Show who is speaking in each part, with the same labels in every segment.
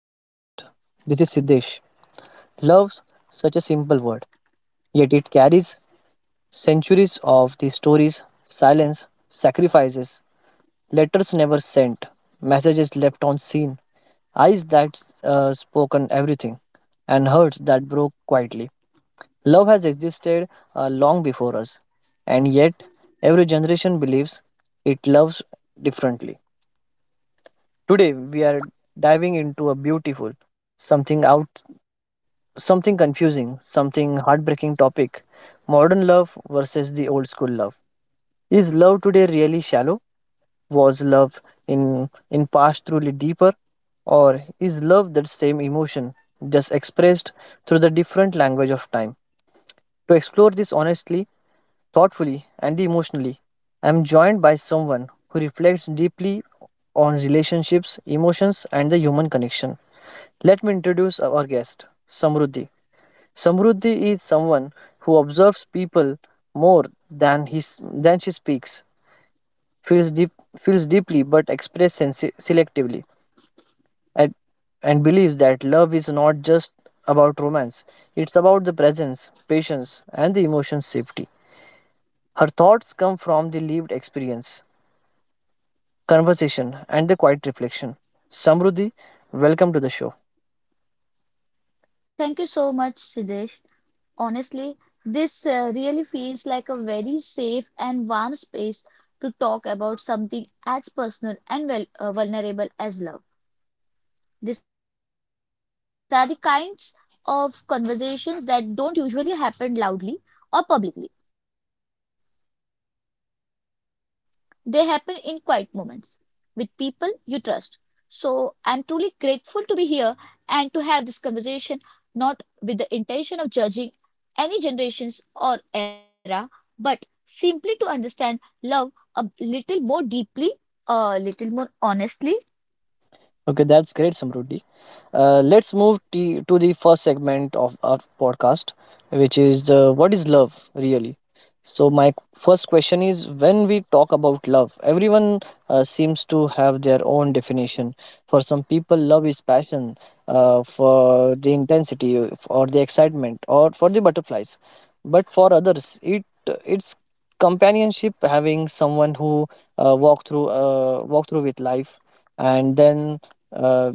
Speaker 1: podcast. This is Siddesh. Love, such a simple word, yet it carries centuries of the stories, silence, sacrifices, letters never sent, messages left on scene, eyes that spoken everything, and hearts that broke quietly. Love has existed long before us, and yet every generation believes it loves differently. Today, we are diving into a beautiful something out something confusing, something heartbreaking topic. Modern love versus the old school love. Is love today really shallow? Was love in past truly deeper? Or is love that same emotion just expressed through the different language of time? To explore this honestly, thoughtfully, and emotionally, I am joined by someone who reflects deeply on relationships, emotions, and the human connection. Let me introduce our guest, Samruddhi. Samruddhi is someone who observes people more than she speaks, feels deep, feels deeply but expresses selectively, and, and believes that love is not just about romance; it's about the presence, patience, and the emotion safety. Her thoughts come from the lived experience, conversation, and the quiet reflection. Samruddhi, welcome to the show.
Speaker 2: Thank you so much, Siddesh. Honestly, this really feels like a very safe and warm space to talk about something as personal and vulnerable as love. These are the kinds of conversations that don't usually happen loudly or publicly. They happen in quiet moments with people you trust. So I'm truly grateful to be here and to have this conversation, not with the intention of judging any generations or era, but simply to understand love a little more deeply, a little more honestly.
Speaker 1: Okay, that's great, Samruddhi. Let's move to the first segment of our podcast, which is the what is love really? So, my first question is when we talk about love, everyone seems to have their own definition. For some people, love is passion, for the intensity, or the excitement, or for the butterflies. But for others, it's companionship, having someone who walk through with life and then uh,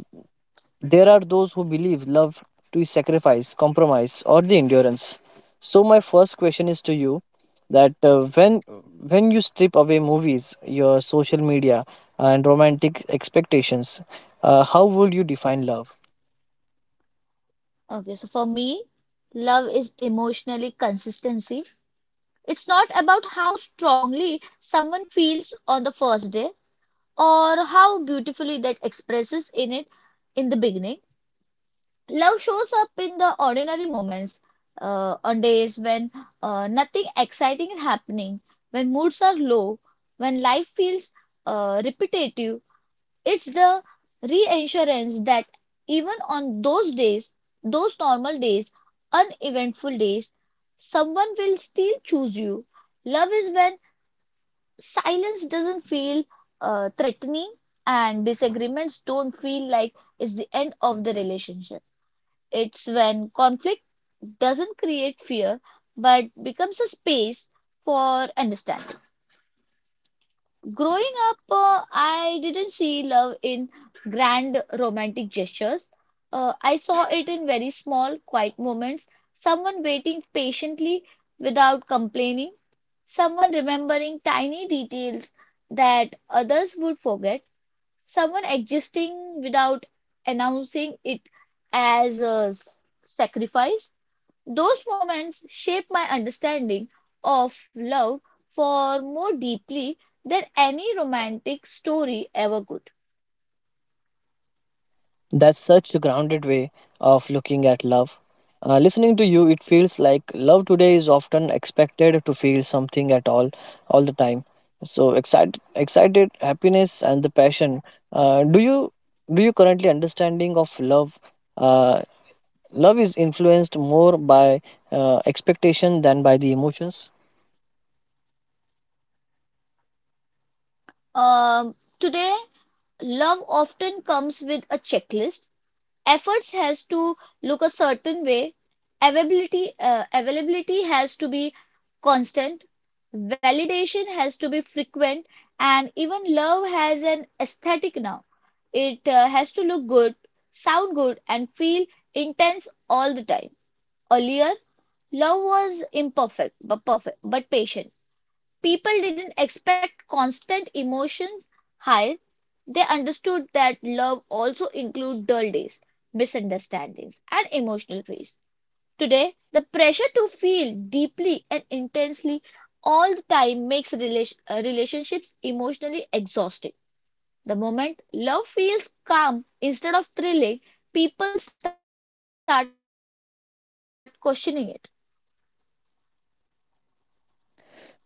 Speaker 1: there are those who believe love to sacrifice, compromise, or the endurance. So my first question is to you that when you strip away movies, your social media, and romantic expectations, how would you define love?
Speaker 2: Okay, so for me, love is emotionally consistency. It's not about how strongly someone feels on the first day or how beautifully that expresses in it in the beginning. Love shows up in the ordinary moments, on days when nothing exciting is happening, when moods are low, when life feels repetitive. It's the reassurance that even on those days, those normal days, uneventful days, someone will still choose you. Love is when silence doesn't feel threatening and disagreements don't feel like it's the end of the relationship. It's when conflict doesn't create fear but becomes a space for understanding. Growing up, I didn't see love in grand romantic gestures. I saw it in very small, quiet moments. Someone waiting patiently without complaining, someone remembering tiny details that others would forget, someone existing without announcing it as a s- sacrifice. Those moments shaped my understanding of love for more deeply than any romantic story ever could.
Speaker 1: That's such a grounded way of looking at love. Listening to you, it feels like love today is often expected to feel something at all the time. So excited, excited, happiness, and the passion. Uh, do you do you currently understanding of love? Uh, love is influenced more by expectation than by the emotions.
Speaker 2: Today, love often comes with a checklist. Efforts has to look a certain way. Availability has to be constant. Validation has to be frequent. And even love has an aesthetic now. It has to look good, sound good, and feel intense all the time. Earlier, love was imperfect, but perfect, but patient. People didn't expect constant emotion highs. They understood that love also includes dull days, misunderstandings, and emotional pains. Today, the pressure to feel deeply and intensely all the time makes relationships emotionally exhausting. The moment love feels calm instead of thrilling, people start questioning it.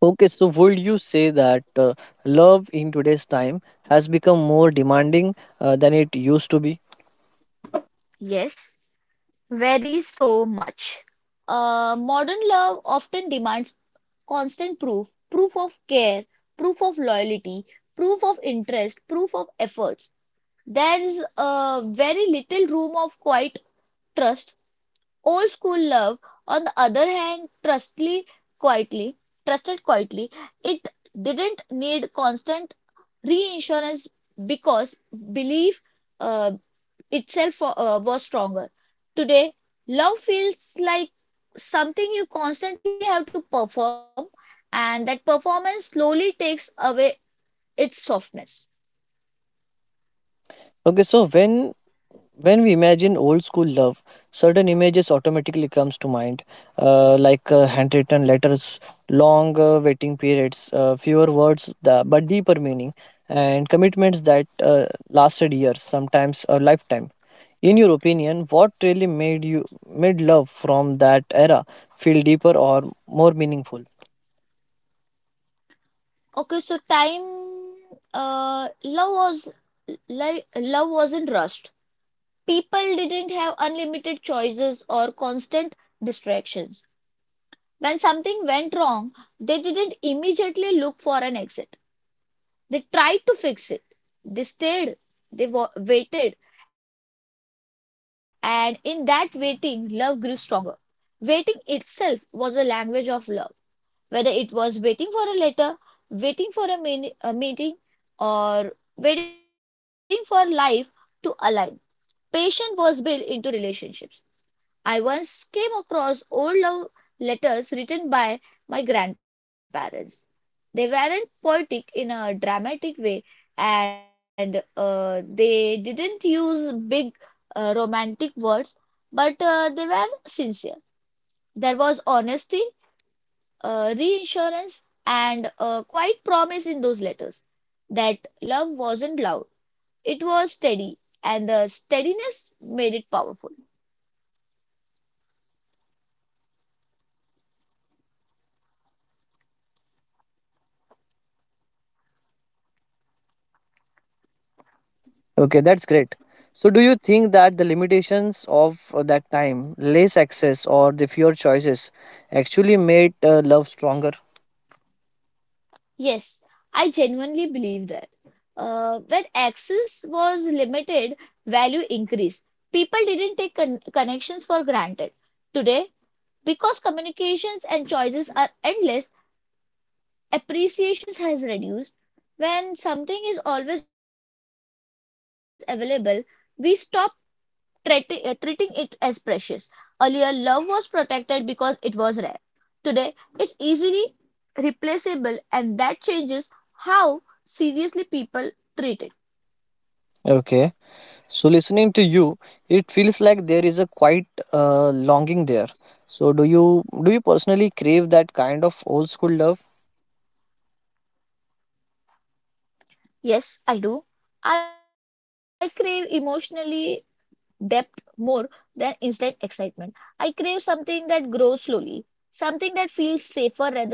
Speaker 1: Okay, so would you say that love in today's time has become more demanding than it used to be?
Speaker 2: Yes, very so much. Modern love often demands constant proof, proof of care, proof of loyalty, proof of interest, proof of efforts. There's very little room of quiet trust. Old school love, on the other hand, quietly, trusted quietly. It didn't need constant reassurance because belief uh, itself was stronger. Today, love feels like something you constantly have to perform, and that performance slowly takes away its softness.
Speaker 1: Okay, so when we imagine old school love, certain images automatically comes to mind, like handwritten letters, long waiting periods, fewer words the but deeper meaning, and commitments that lasted years, sometimes a lifetime. In your opinion, what really made you made love from that era feel deeper or more meaningful?
Speaker 2: Okay, so time, love was love wasn't rushed. People didn't have unlimited choices or constant distractions. When something went wrong, they didn't immediately look for an exit. They tried to fix it. They stayed, waited, and in that waiting, love grew stronger. Waiting itself was a language of love. Whether it was waiting for a letter, waiting for a, mean, a meeting, or waiting for life to align, patience was built into relationships. I once came across old love letters written by my grandparents. They weren't poetic in a dramatic way, and they didn't use big romantic words, but they were sincere. There was honesty, reassurance, and a quiet promise in those letters that love wasn't loud, it was steady, and the steadiness made it powerful.
Speaker 1: Okay, that's great. So, do you think that the limitations of that time, less access, or the fewer choices actually made love stronger?
Speaker 2: Yes, I genuinely believe that. When access was limited, value increased. People didn't take connections for granted. Today, because communications and choices are endless, appreciation has reduced. When something is always available, we stop treating it as precious. Earlier, love was protected because it was rare. Today, it's easily replaceable and that changes how seriously people treat it.
Speaker 1: Okay, so listening to you, it feels like there is a quite longing there. So, do you personally crave that kind of old school love?
Speaker 2: Yes, I do. I crave emotionally depth more than instant excitement. I crave something that grows slowly, something that feels safer rather than thrilling.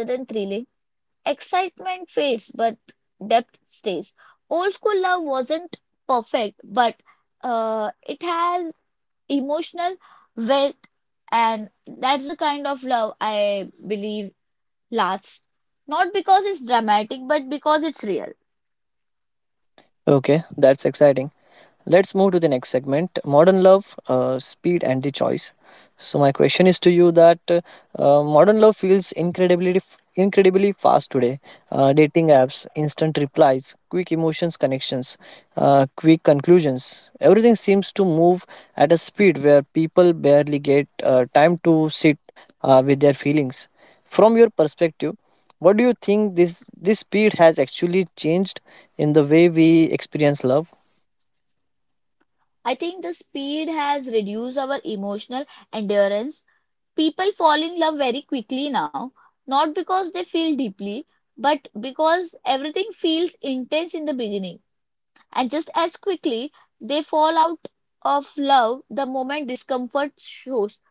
Speaker 2: Excitement fades, but depth stays. Old school love wasn't perfect, but it has emotional well. And that's the kind of love I believe lasts. Not because it's dramatic, but because it's real.
Speaker 1: Okay, that's exciting. Let's move to the next segment modern love, speed, and the choice. So, my question is to you that modern love feels incredibly fast today. Dating apps, instant replies, quick emotions connections, quick conclusions. Everything seems to move at a speed where people barely get time to sit with their feelings. From your perspective, what do you think this speed has actually changed in the way we experience love?
Speaker 2: I think the speed has reduced our emotional endurance. People fall in love very quickly now, not because they feel deeply, but because everything feels intense in the beginning. And just as quickly, they fall out of love the moment discomfort shows.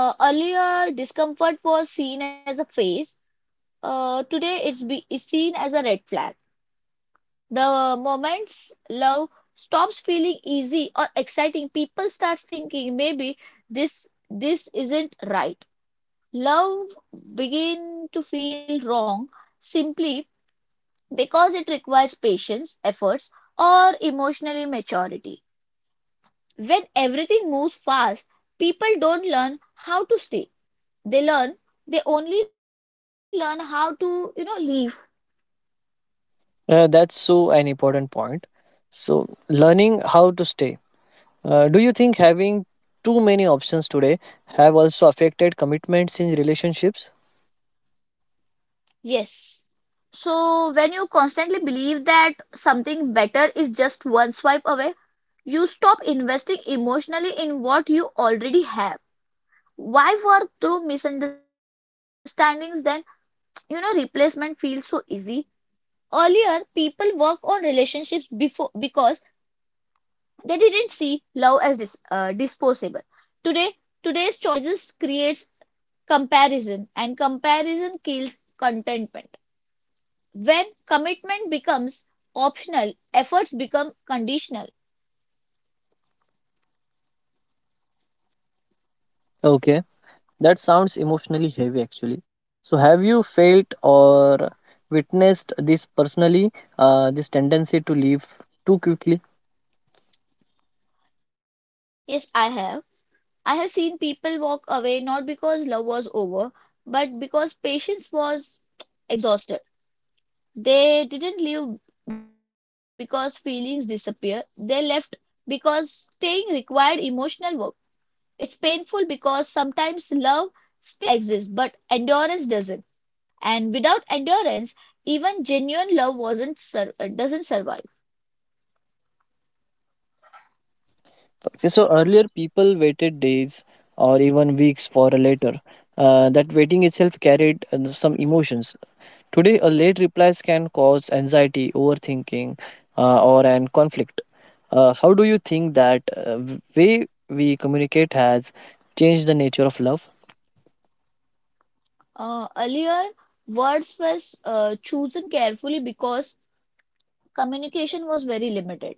Speaker 2: Earlier, discomfort was seen as a phase. Today, it's be is seen as a red flag. The moment love stops feeling easy or exciting, people start thinking maybe this isn't right. Love begin to feel wrong simply because it requires patience, efforts, or emotional maturity. When everything moves fast, people don't learn how to stay. They learn they only learn how to leave.
Speaker 1: That's so an important point. So, learning how to stay. Do you think having too many options today have also affected commitments in relationships?
Speaker 2: Yes. So when you constantly believe that something better is just one swipe away, you stop investing emotionally in what you already have. Why work through misunderstandings then? You know, replacement feels so easy. Earlier, people work on relationships before because they didn't see love as disposable. Today, today's choices creates comparison, and comparison kills contentment. When commitment becomes optional, efforts become conditional.
Speaker 1: Okay, that sounds emotionally heavy actually. So, have you felt or witnessed this personally, this tendency to leave too quickly?
Speaker 2: Yes, I have. I have seen people walk away not because love was over, but because patience was exhausted. They didn't leave because feelings disappear. They left because staying required emotional work. It's painful because sometimes love still exists, but endurance doesn't. And without endurance, even genuine love wasn't sur- doesn't survive.
Speaker 1: Okay, so earlier people waited days or even weeks for a letter. That waiting itself carried some emotions. Today, a late replies can cause anxiety, overthinking, or an conflict. How do you think that way we communicate has changed the nature of love?
Speaker 2: Earlier, words were chosen carefully because communication was very limited.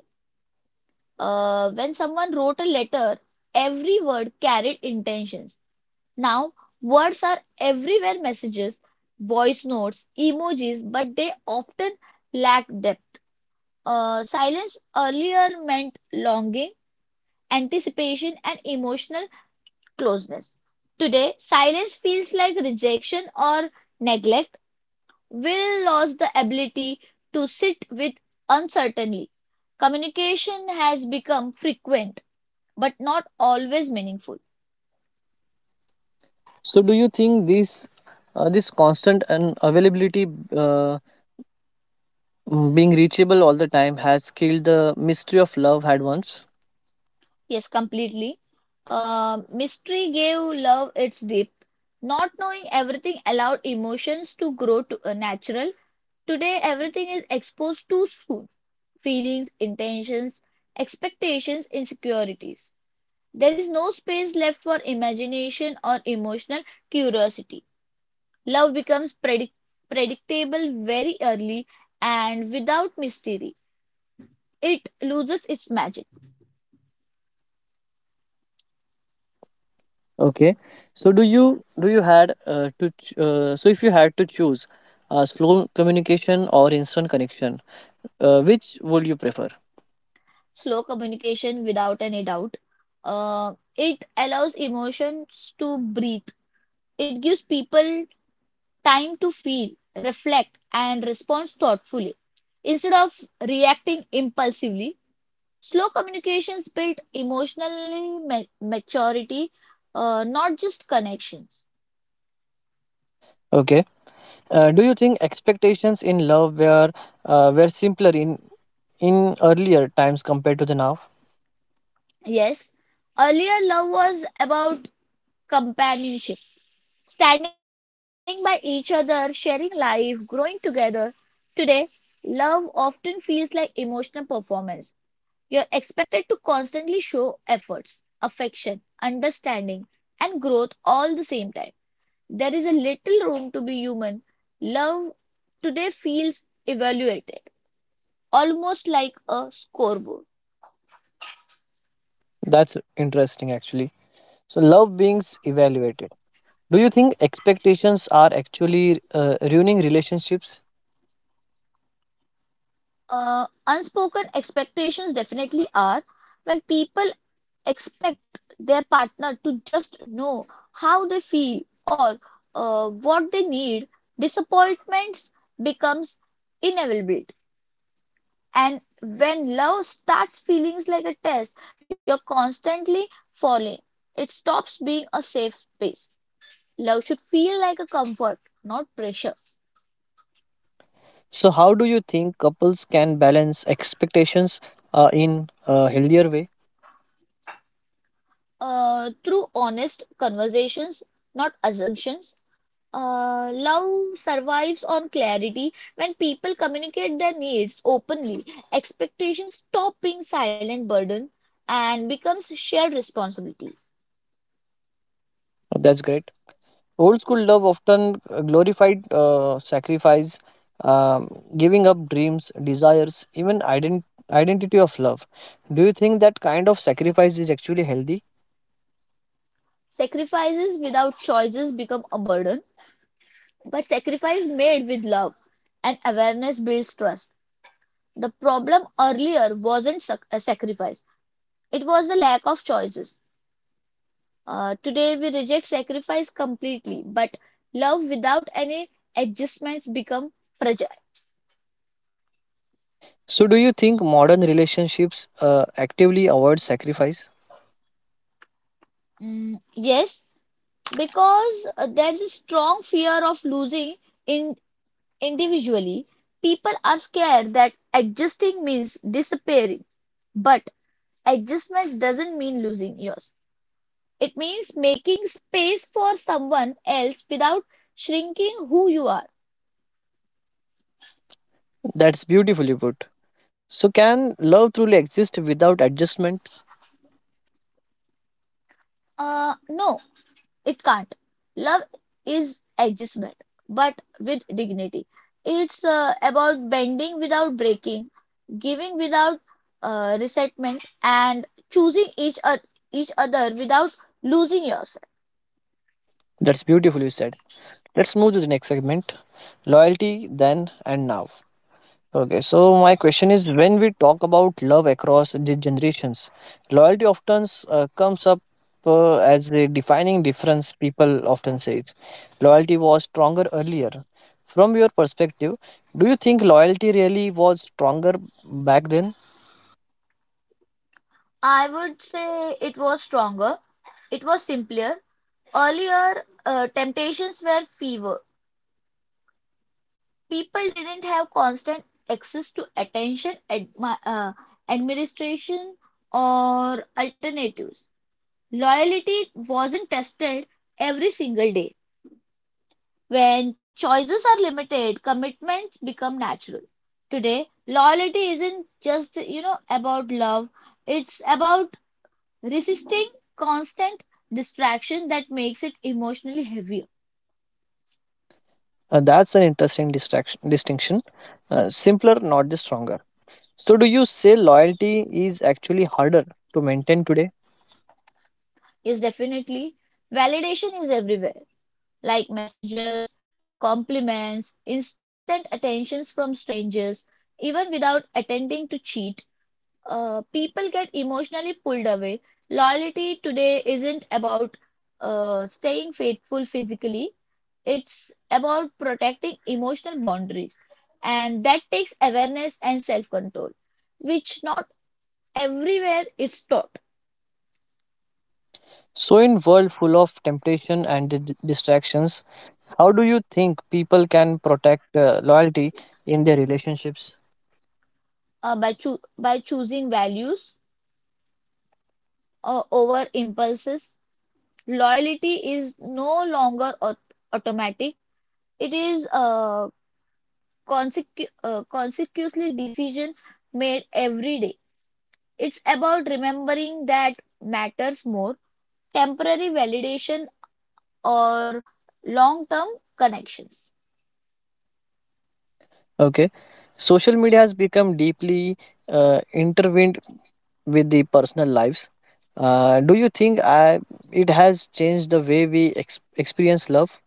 Speaker 2: When someone wrote a letter, every word carried intentions. Now, words are everywhere: messages, voice notes, emojis, but they often lack depth. Silence earlier meant longing, anticipation, and emotional closeness. Today, silence feels like rejection or neglect. Will lost the ability to sit with uncertainty. Communication has become frequent but not always meaningful.
Speaker 1: So, do you think this constant and availability uh, being reachable all the time has killed the mystery of love had once?
Speaker 2: Yes, completely. Mystery gave love its depth. Not knowing everything allowed emotions to grow to a natural. Today, everything is exposed too soon. Feelings, intentions, expectations, insecurities. There is no space left for imagination or emotional curiosity. Love becomes predictable very early and without mystery. It loses its magic.
Speaker 1: Okay, so do you had to ch- so if you had to choose slow communication or instant connection, which would you prefer?
Speaker 2: Slow communication, without any doubt. It allows emotions to breathe. It gives people time to feel, reflect, and respond thoughtfully. Instead of reacting impulsively, slow communications build maturity, not just connections.
Speaker 1: Okay, do you think expectations in love were simpler in earlier times compared to the now?
Speaker 2: Yes, earlier love was about companionship. Standing by each other, sharing life, growing together. Today, love often feels like emotional performance. You're expected to constantly show efforts, affection, understanding, and growth all the same time. There is a little room to be human. Love today feels evaluated, almost like a scoreboard.
Speaker 1: That's interesting actually. So love being evaluated. Do you think expectations are actually ruining relationships?
Speaker 2: Unspoken expectations definitely are when people expect their partner to just know how they feel or what they need, disappointments becomes inevitable. And when love starts feeling like a test, you're constantly falling. It stops being a safe space. Love should feel like a comfort, not pressure.
Speaker 1: So, how do you think couples can balance expectations in a healthier way?
Speaker 2: Through honest conversations, not assumptions. Love survives on clarity when people communicate their needs openly. Expectations stop being silent burden and becomes shared responsibility.
Speaker 1: Oh, that's great. Old school love often glorified sacrifice, um, giving up dreams, desires, even identity of love. Do you think that kind of sacrifice is actually healthy?
Speaker 2: Sacrifices without choices become a burden, but sacrifice made with love and awareness builds trust. The problem earlier wasn't sac- a sacrifice, it was the lack of choices. Today we reject sacrifice completely, but love without any adjustments become fragile.
Speaker 1: So, do you think modern relationships actively avoid sacrifice?
Speaker 2: Mm, yes, because there's a strong fear of losing in individually. People are scared that adjusting means disappearing, but adjustment doesn't mean losing yours. It means making space for someone else without shrinking who you are.
Speaker 1: That's beautifully put. So, can love truly exist without adjustments?
Speaker 2: No, it can't. Love is adjustment, but with dignity. It's about bending without breaking, giving without resentment, and each other without losing yourself.
Speaker 1: That's beautifully said. Let's move to the next segment loyalty then and now. Okay, so my question is when we talk about love across the generations, loyalty often comes up as a defining difference, people often say it's Loyalty was stronger earlier. From your perspective, do you think loyalty really was stronger back then?
Speaker 2: I would say it was stronger, it was simpler. Earlier, temptations were fewer. People didn't have constant access to attention, administration, or alternatives. Loyalty wasn't tested every single day. When choices are limited, commitments become natural. Today, loyalty isn't just, you know, about love. It's about resisting constant distraction that makes it emotionally heavier.
Speaker 1: That's an interesting distinction. Simpler, not just stronger. So, do you say loyalty is actually harder to maintain today?
Speaker 2: Is definitely validation is everywhere, like messages, compliments, instant attentions from strangers, even without attending to cheat people get emotionally pulled away. Loyalty today isn't about staying faithful physically, it's about protecting emotional boundaries. And that takes awareness and self control, which not everywhere is taught
Speaker 1: So, in world full of temptation and distractions, how do you think people can protect loyalty in their relationships?
Speaker 2: by choosing values over impulses. Loyalty is no longer automatic, it is a consecutively decision made every day. It's about remembering that matters more temporary validation or long term connections.
Speaker 1: Okay, social media has become deeply intertwined with the personal lives. Do you think it has changed the way we experience love?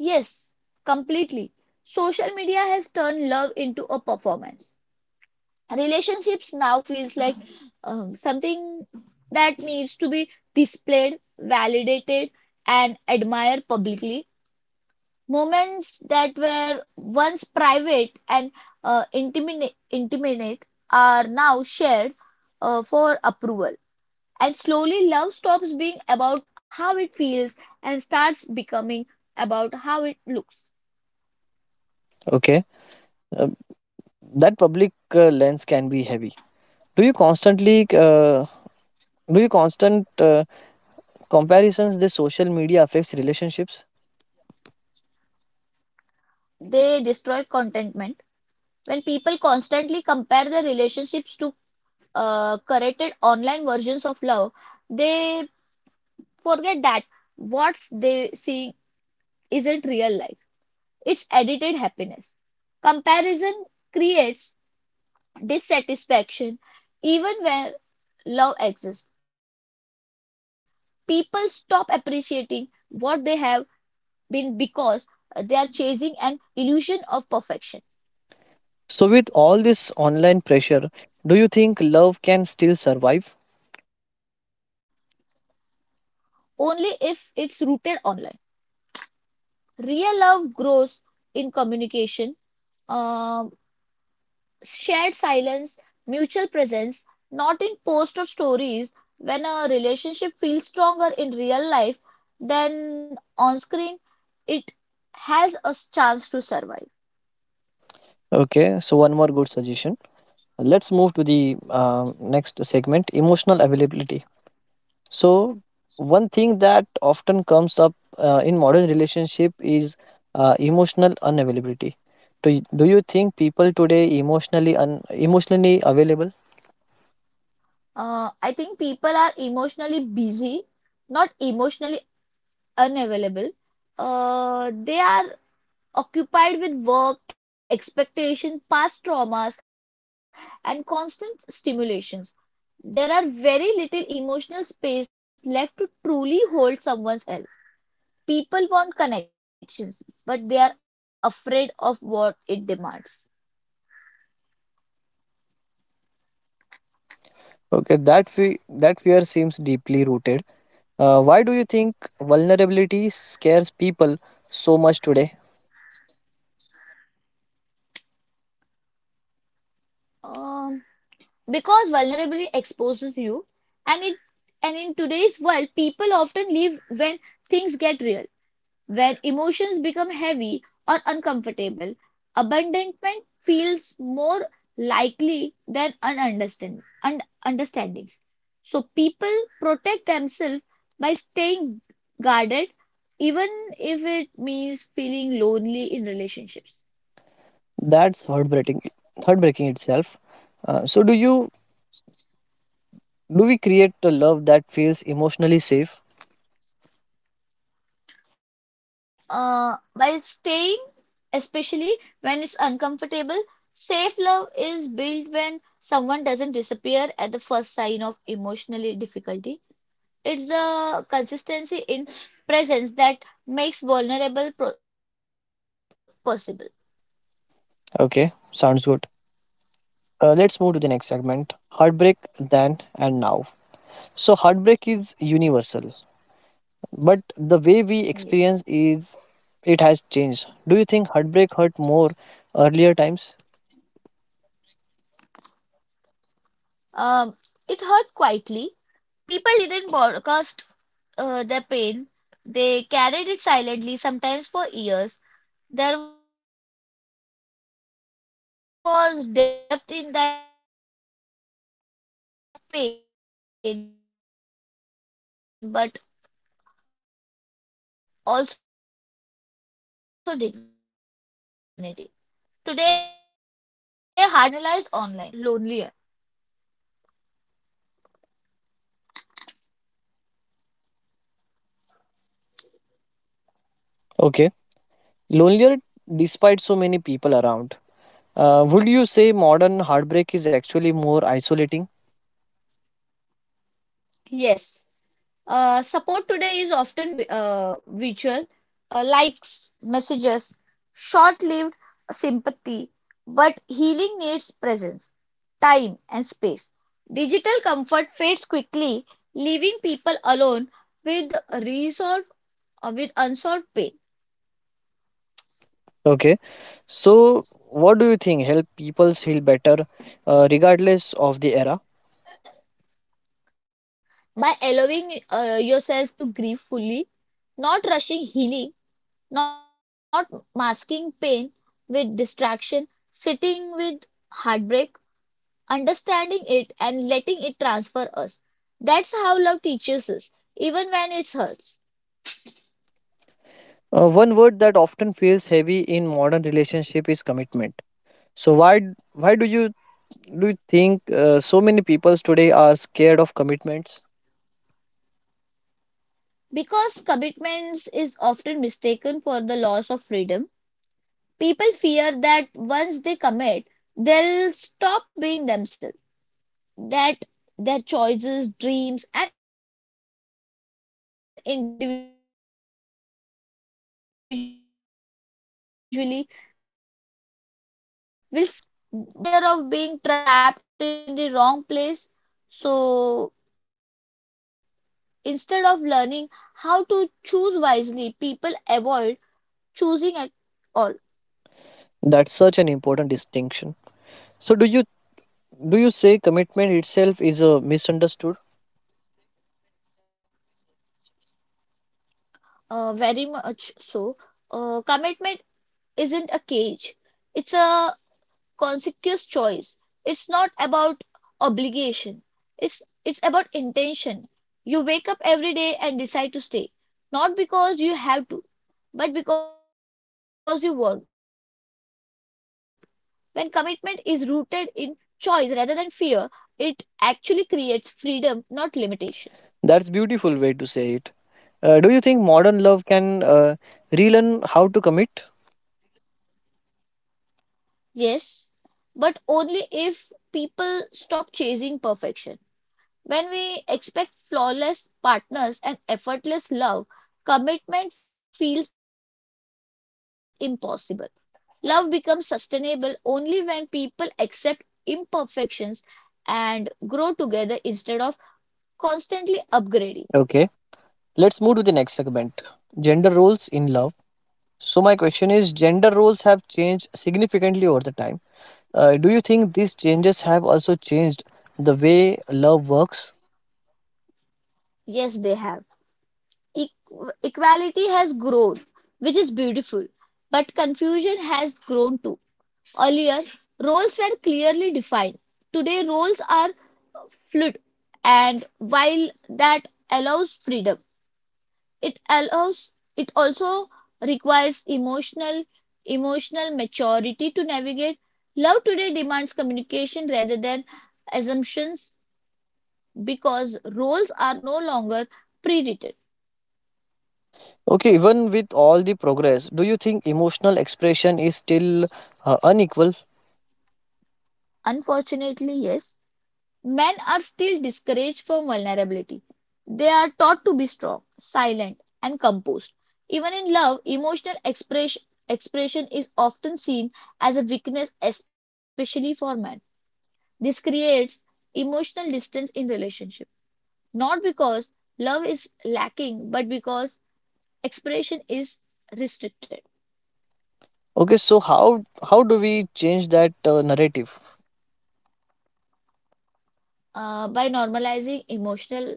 Speaker 2: Yes, completely. Social media has turned love into a performance. Relationships now feels like something that needs to be displayed, validated, and admired publicly. Moments that were once private and intimate are now shared for approval. And slowly, love stops being about how it feels and starts becoming about how it looks.
Speaker 1: Okay. Uh, that public lens can be heavy, do you constantly uh, do you constant comparisons this social media affects relationships?
Speaker 2: They destroy contentment. When people constantly compare their relationships to curated online versions of love, they forget that what they see isn't real life, it's edited happiness. Comparison creates dissatisfaction even where love exists. People stop appreciating what they have been because they are chasing an illusion of perfection,
Speaker 1: So with all this online pressure, do you think love can still survive?
Speaker 2: only if it's rooted online. Real love grows in communication, um, shared silence, mutual presence, not in posts or stories. When a relationship feels stronger in real life than on screen, it has a chance to survive.
Speaker 1: Okay, so one more good suggestion. Let's move to the next segment emotional availability. So one thing that often comes up in modern relationship is emotional unavailability. Do you think people today emotionally emotionally available?
Speaker 2: I think people are emotionally busy, not emotionally unavailable. They are occupied with work, expectations, past traumas, and constant stimulations. There are very little emotional space left to truly hold someone's help. People want connections, but they are afraid of what it demands.
Speaker 1: Okay, that fear seems deeply rooted. Why do you think vulnerability scares people so much today?
Speaker 2: Um, because vulnerability exposes you, and it and in today's world, people often leave when things get real. When emotions become heavy or uncomfortable, abandonment feels more likely than understandings. So people protect themselves by staying guarded, even if it means feeling lonely in relationships.
Speaker 1: That's heartbreaking, heartbreaking itself. So do we create a love that feels emotionally safe?
Speaker 2: By staying, especially when it's uncomfortable, safe love is built when someone doesn't disappear at the first sign of emotional difficulty. It's the consistency in presence that makes vulnerable pro possible.
Speaker 1: Okay, sounds good. Let's move to the next segment heartbreak then and now. So, heartbreak is universal, but the way we
Speaker 2: Yes.
Speaker 1: experience is it has changed. Do you think heartbreak hurt more earlier times?
Speaker 2: Um, it hurt quietly. People didn't broadcast their pain. They carried it silently, sometimes for years. There was depth in that pain, but also dignity. Today, heartbreaks is often public, shared, discussed, analyzed online. That doesn't necessarily make it easier. Sometimes it makes it lonelier.
Speaker 1: Okay. Lonelier despite so many people around. Would you say modern heartbreak is actually more isolating?
Speaker 2: Yes. Support today is often virtual, likes, messages, short lived sympathy, but healing needs presence, time, and space. Digital comfort fades quickly, leaving people alone with resolve with unsolved pain.
Speaker 1: Okay. So, what do you think help people heal better regardless of the era?
Speaker 2: By allowing yourself to grieve fully, not rushing healing, not masking pain with distraction, sitting with heartbreak, understanding it and letting it transfer us. That's how love teaches us, even when it hurts.
Speaker 1: One word that often feels heavy in modern relationship is commitment. So why do you think so many people today are scared of commitments?
Speaker 2: Because commitment is often mistaken for the loss of freedom, people fear that once they commit, they'll stop being themselves, that their choices, dreams, and individually will slowly disappear. In reality, what scares people isn't commitment itself. It's the fear of being trapped in the wrong place. So instead of learning how to choose wisely, people avoid choosing at all.
Speaker 1: That's such an important distinction. So do you say commitment itself is a misunderstood?
Speaker 2: Very much so. Commitment isn't a cage. It's a conscious choice. It's not about obligation. It's about intention. You wake up every day and decide to stay, not because you have to but because you want. When commitment is rooted in choice rather than fear, it actually creates freedom, not limitations.
Speaker 1: That's beautiful way to say it. Do you think modern love can relearn how to commit?
Speaker 2: Yes, but only if people stop chasing perfection. When we expect flawless partners and effortless love, commitment feels impossible. Love becomes sustainable only when people accept imperfections and grow together instead of constantly upgrading.
Speaker 1: Okay, let's move to the next segment: gender roles in love. So my question is, gender roles have changed significantly over the time. Do you think these changes have also changed the way love works?
Speaker 2: Yes, they have. E- Equality has grown, which is beautiful, but confusion has grown too. Earlier, roles were clearly defined. Today, roles are fluid, and while that allows freedom, it allows it also requires emotional maturity to navigate. Love today demands communication rather than assumptions because roles are no longer pre-written.
Speaker 1: Okay, even with all the progress, do you think emotional expression is still unequal?
Speaker 2: Unfortunately, yes, men are still discouraged from vulnerability. They are taught to be strong, silent, and composed. Even in love, expression is often seen as a weakness, especially for men. This creates emotional distance in relationship, not because love is lacking, but because expression is restricted.
Speaker 1: Okay, so how do we change that narrative?
Speaker 2: By normalizing emotional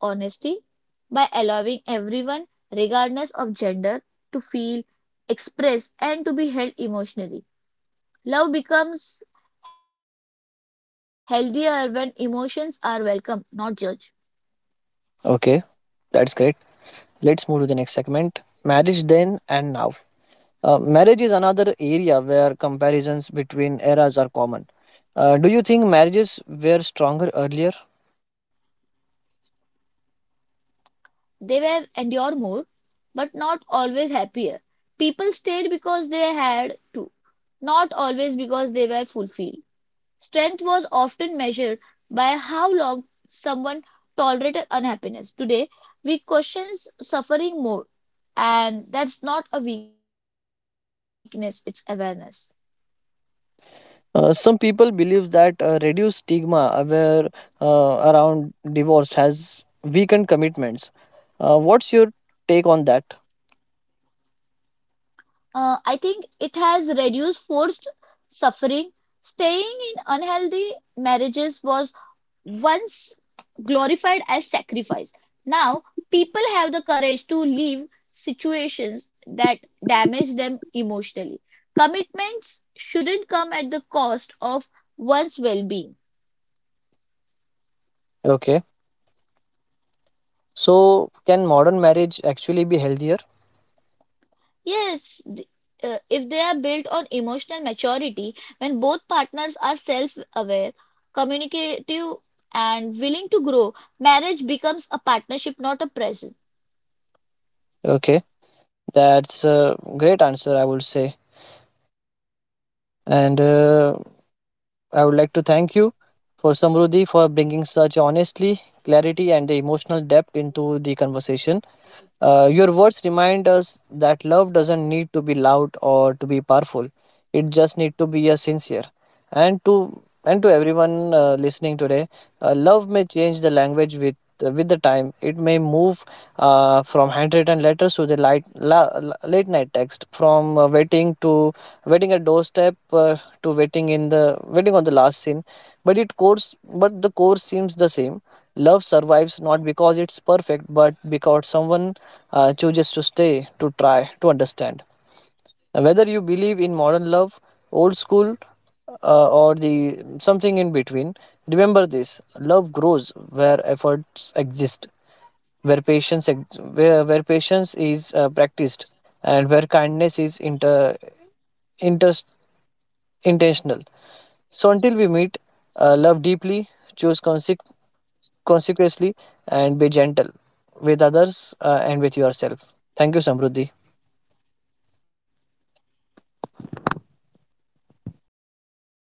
Speaker 2: honesty by allowing everyone, regardless of gender, to feel, express, and to be held emotionally. Love becomes healthier when emotions are welcome, not judged.
Speaker 1: Okay, that's great. Let's move to the next segment: marriage then and now. Marriage is another area where comparisons between eras are common. Do you think marriages were stronger earlier?
Speaker 2: They were endure more, but not always happier. People stayed because they had to, not always because they were fulfilled. Strength was often measured by how long someone tolerated unhappiness. Today, we question suffering more, and that's not a weakness, it's awareness.
Speaker 1: Some people believe that reduced stigma around divorce has weakened commitments. What's your take on that?
Speaker 2: I think it has reduced forced suffering. Staying in unhealthy marriages was once glorified as sacrifice. Now, people have the courage to leave situations that damage them emotionally. Commitments shouldn't come at the cost of one's well being.
Speaker 1: Okay. So, can modern marriage actually be healthier?
Speaker 2: Yes, if they are built on emotional maturity, when both partners are self aware, communicative, and willing to grow, marriage becomes a partnership, not a present.
Speaker 1: Okay. That's a great answer, I would say. And I would like to thank you for Samruddhi for bringing such honestly, clarity, and the emotional depth into the conversation. Your words remind us that love doesn't need to be loud or to be powerful. It just need to be a sincere. And to everyone listening today, love may change the language with the time. It may move from handwritten letters to the late night text, from waiting to waiting at doorstep to waiting on the last scene. But it course, but the course seems the same. Love survives not because it's perfect, but because someone chooses to stay, to try, to understand. Whether you believe in modern love, old school, or the something in between, remember this: love grows where efforts exist, where patience, where patience is practiced, and where kindness is inter, inter intentional. So until we meet, love deeply, choose consequently, and be gentle with others and with yourself. Thank you, Samruddhi.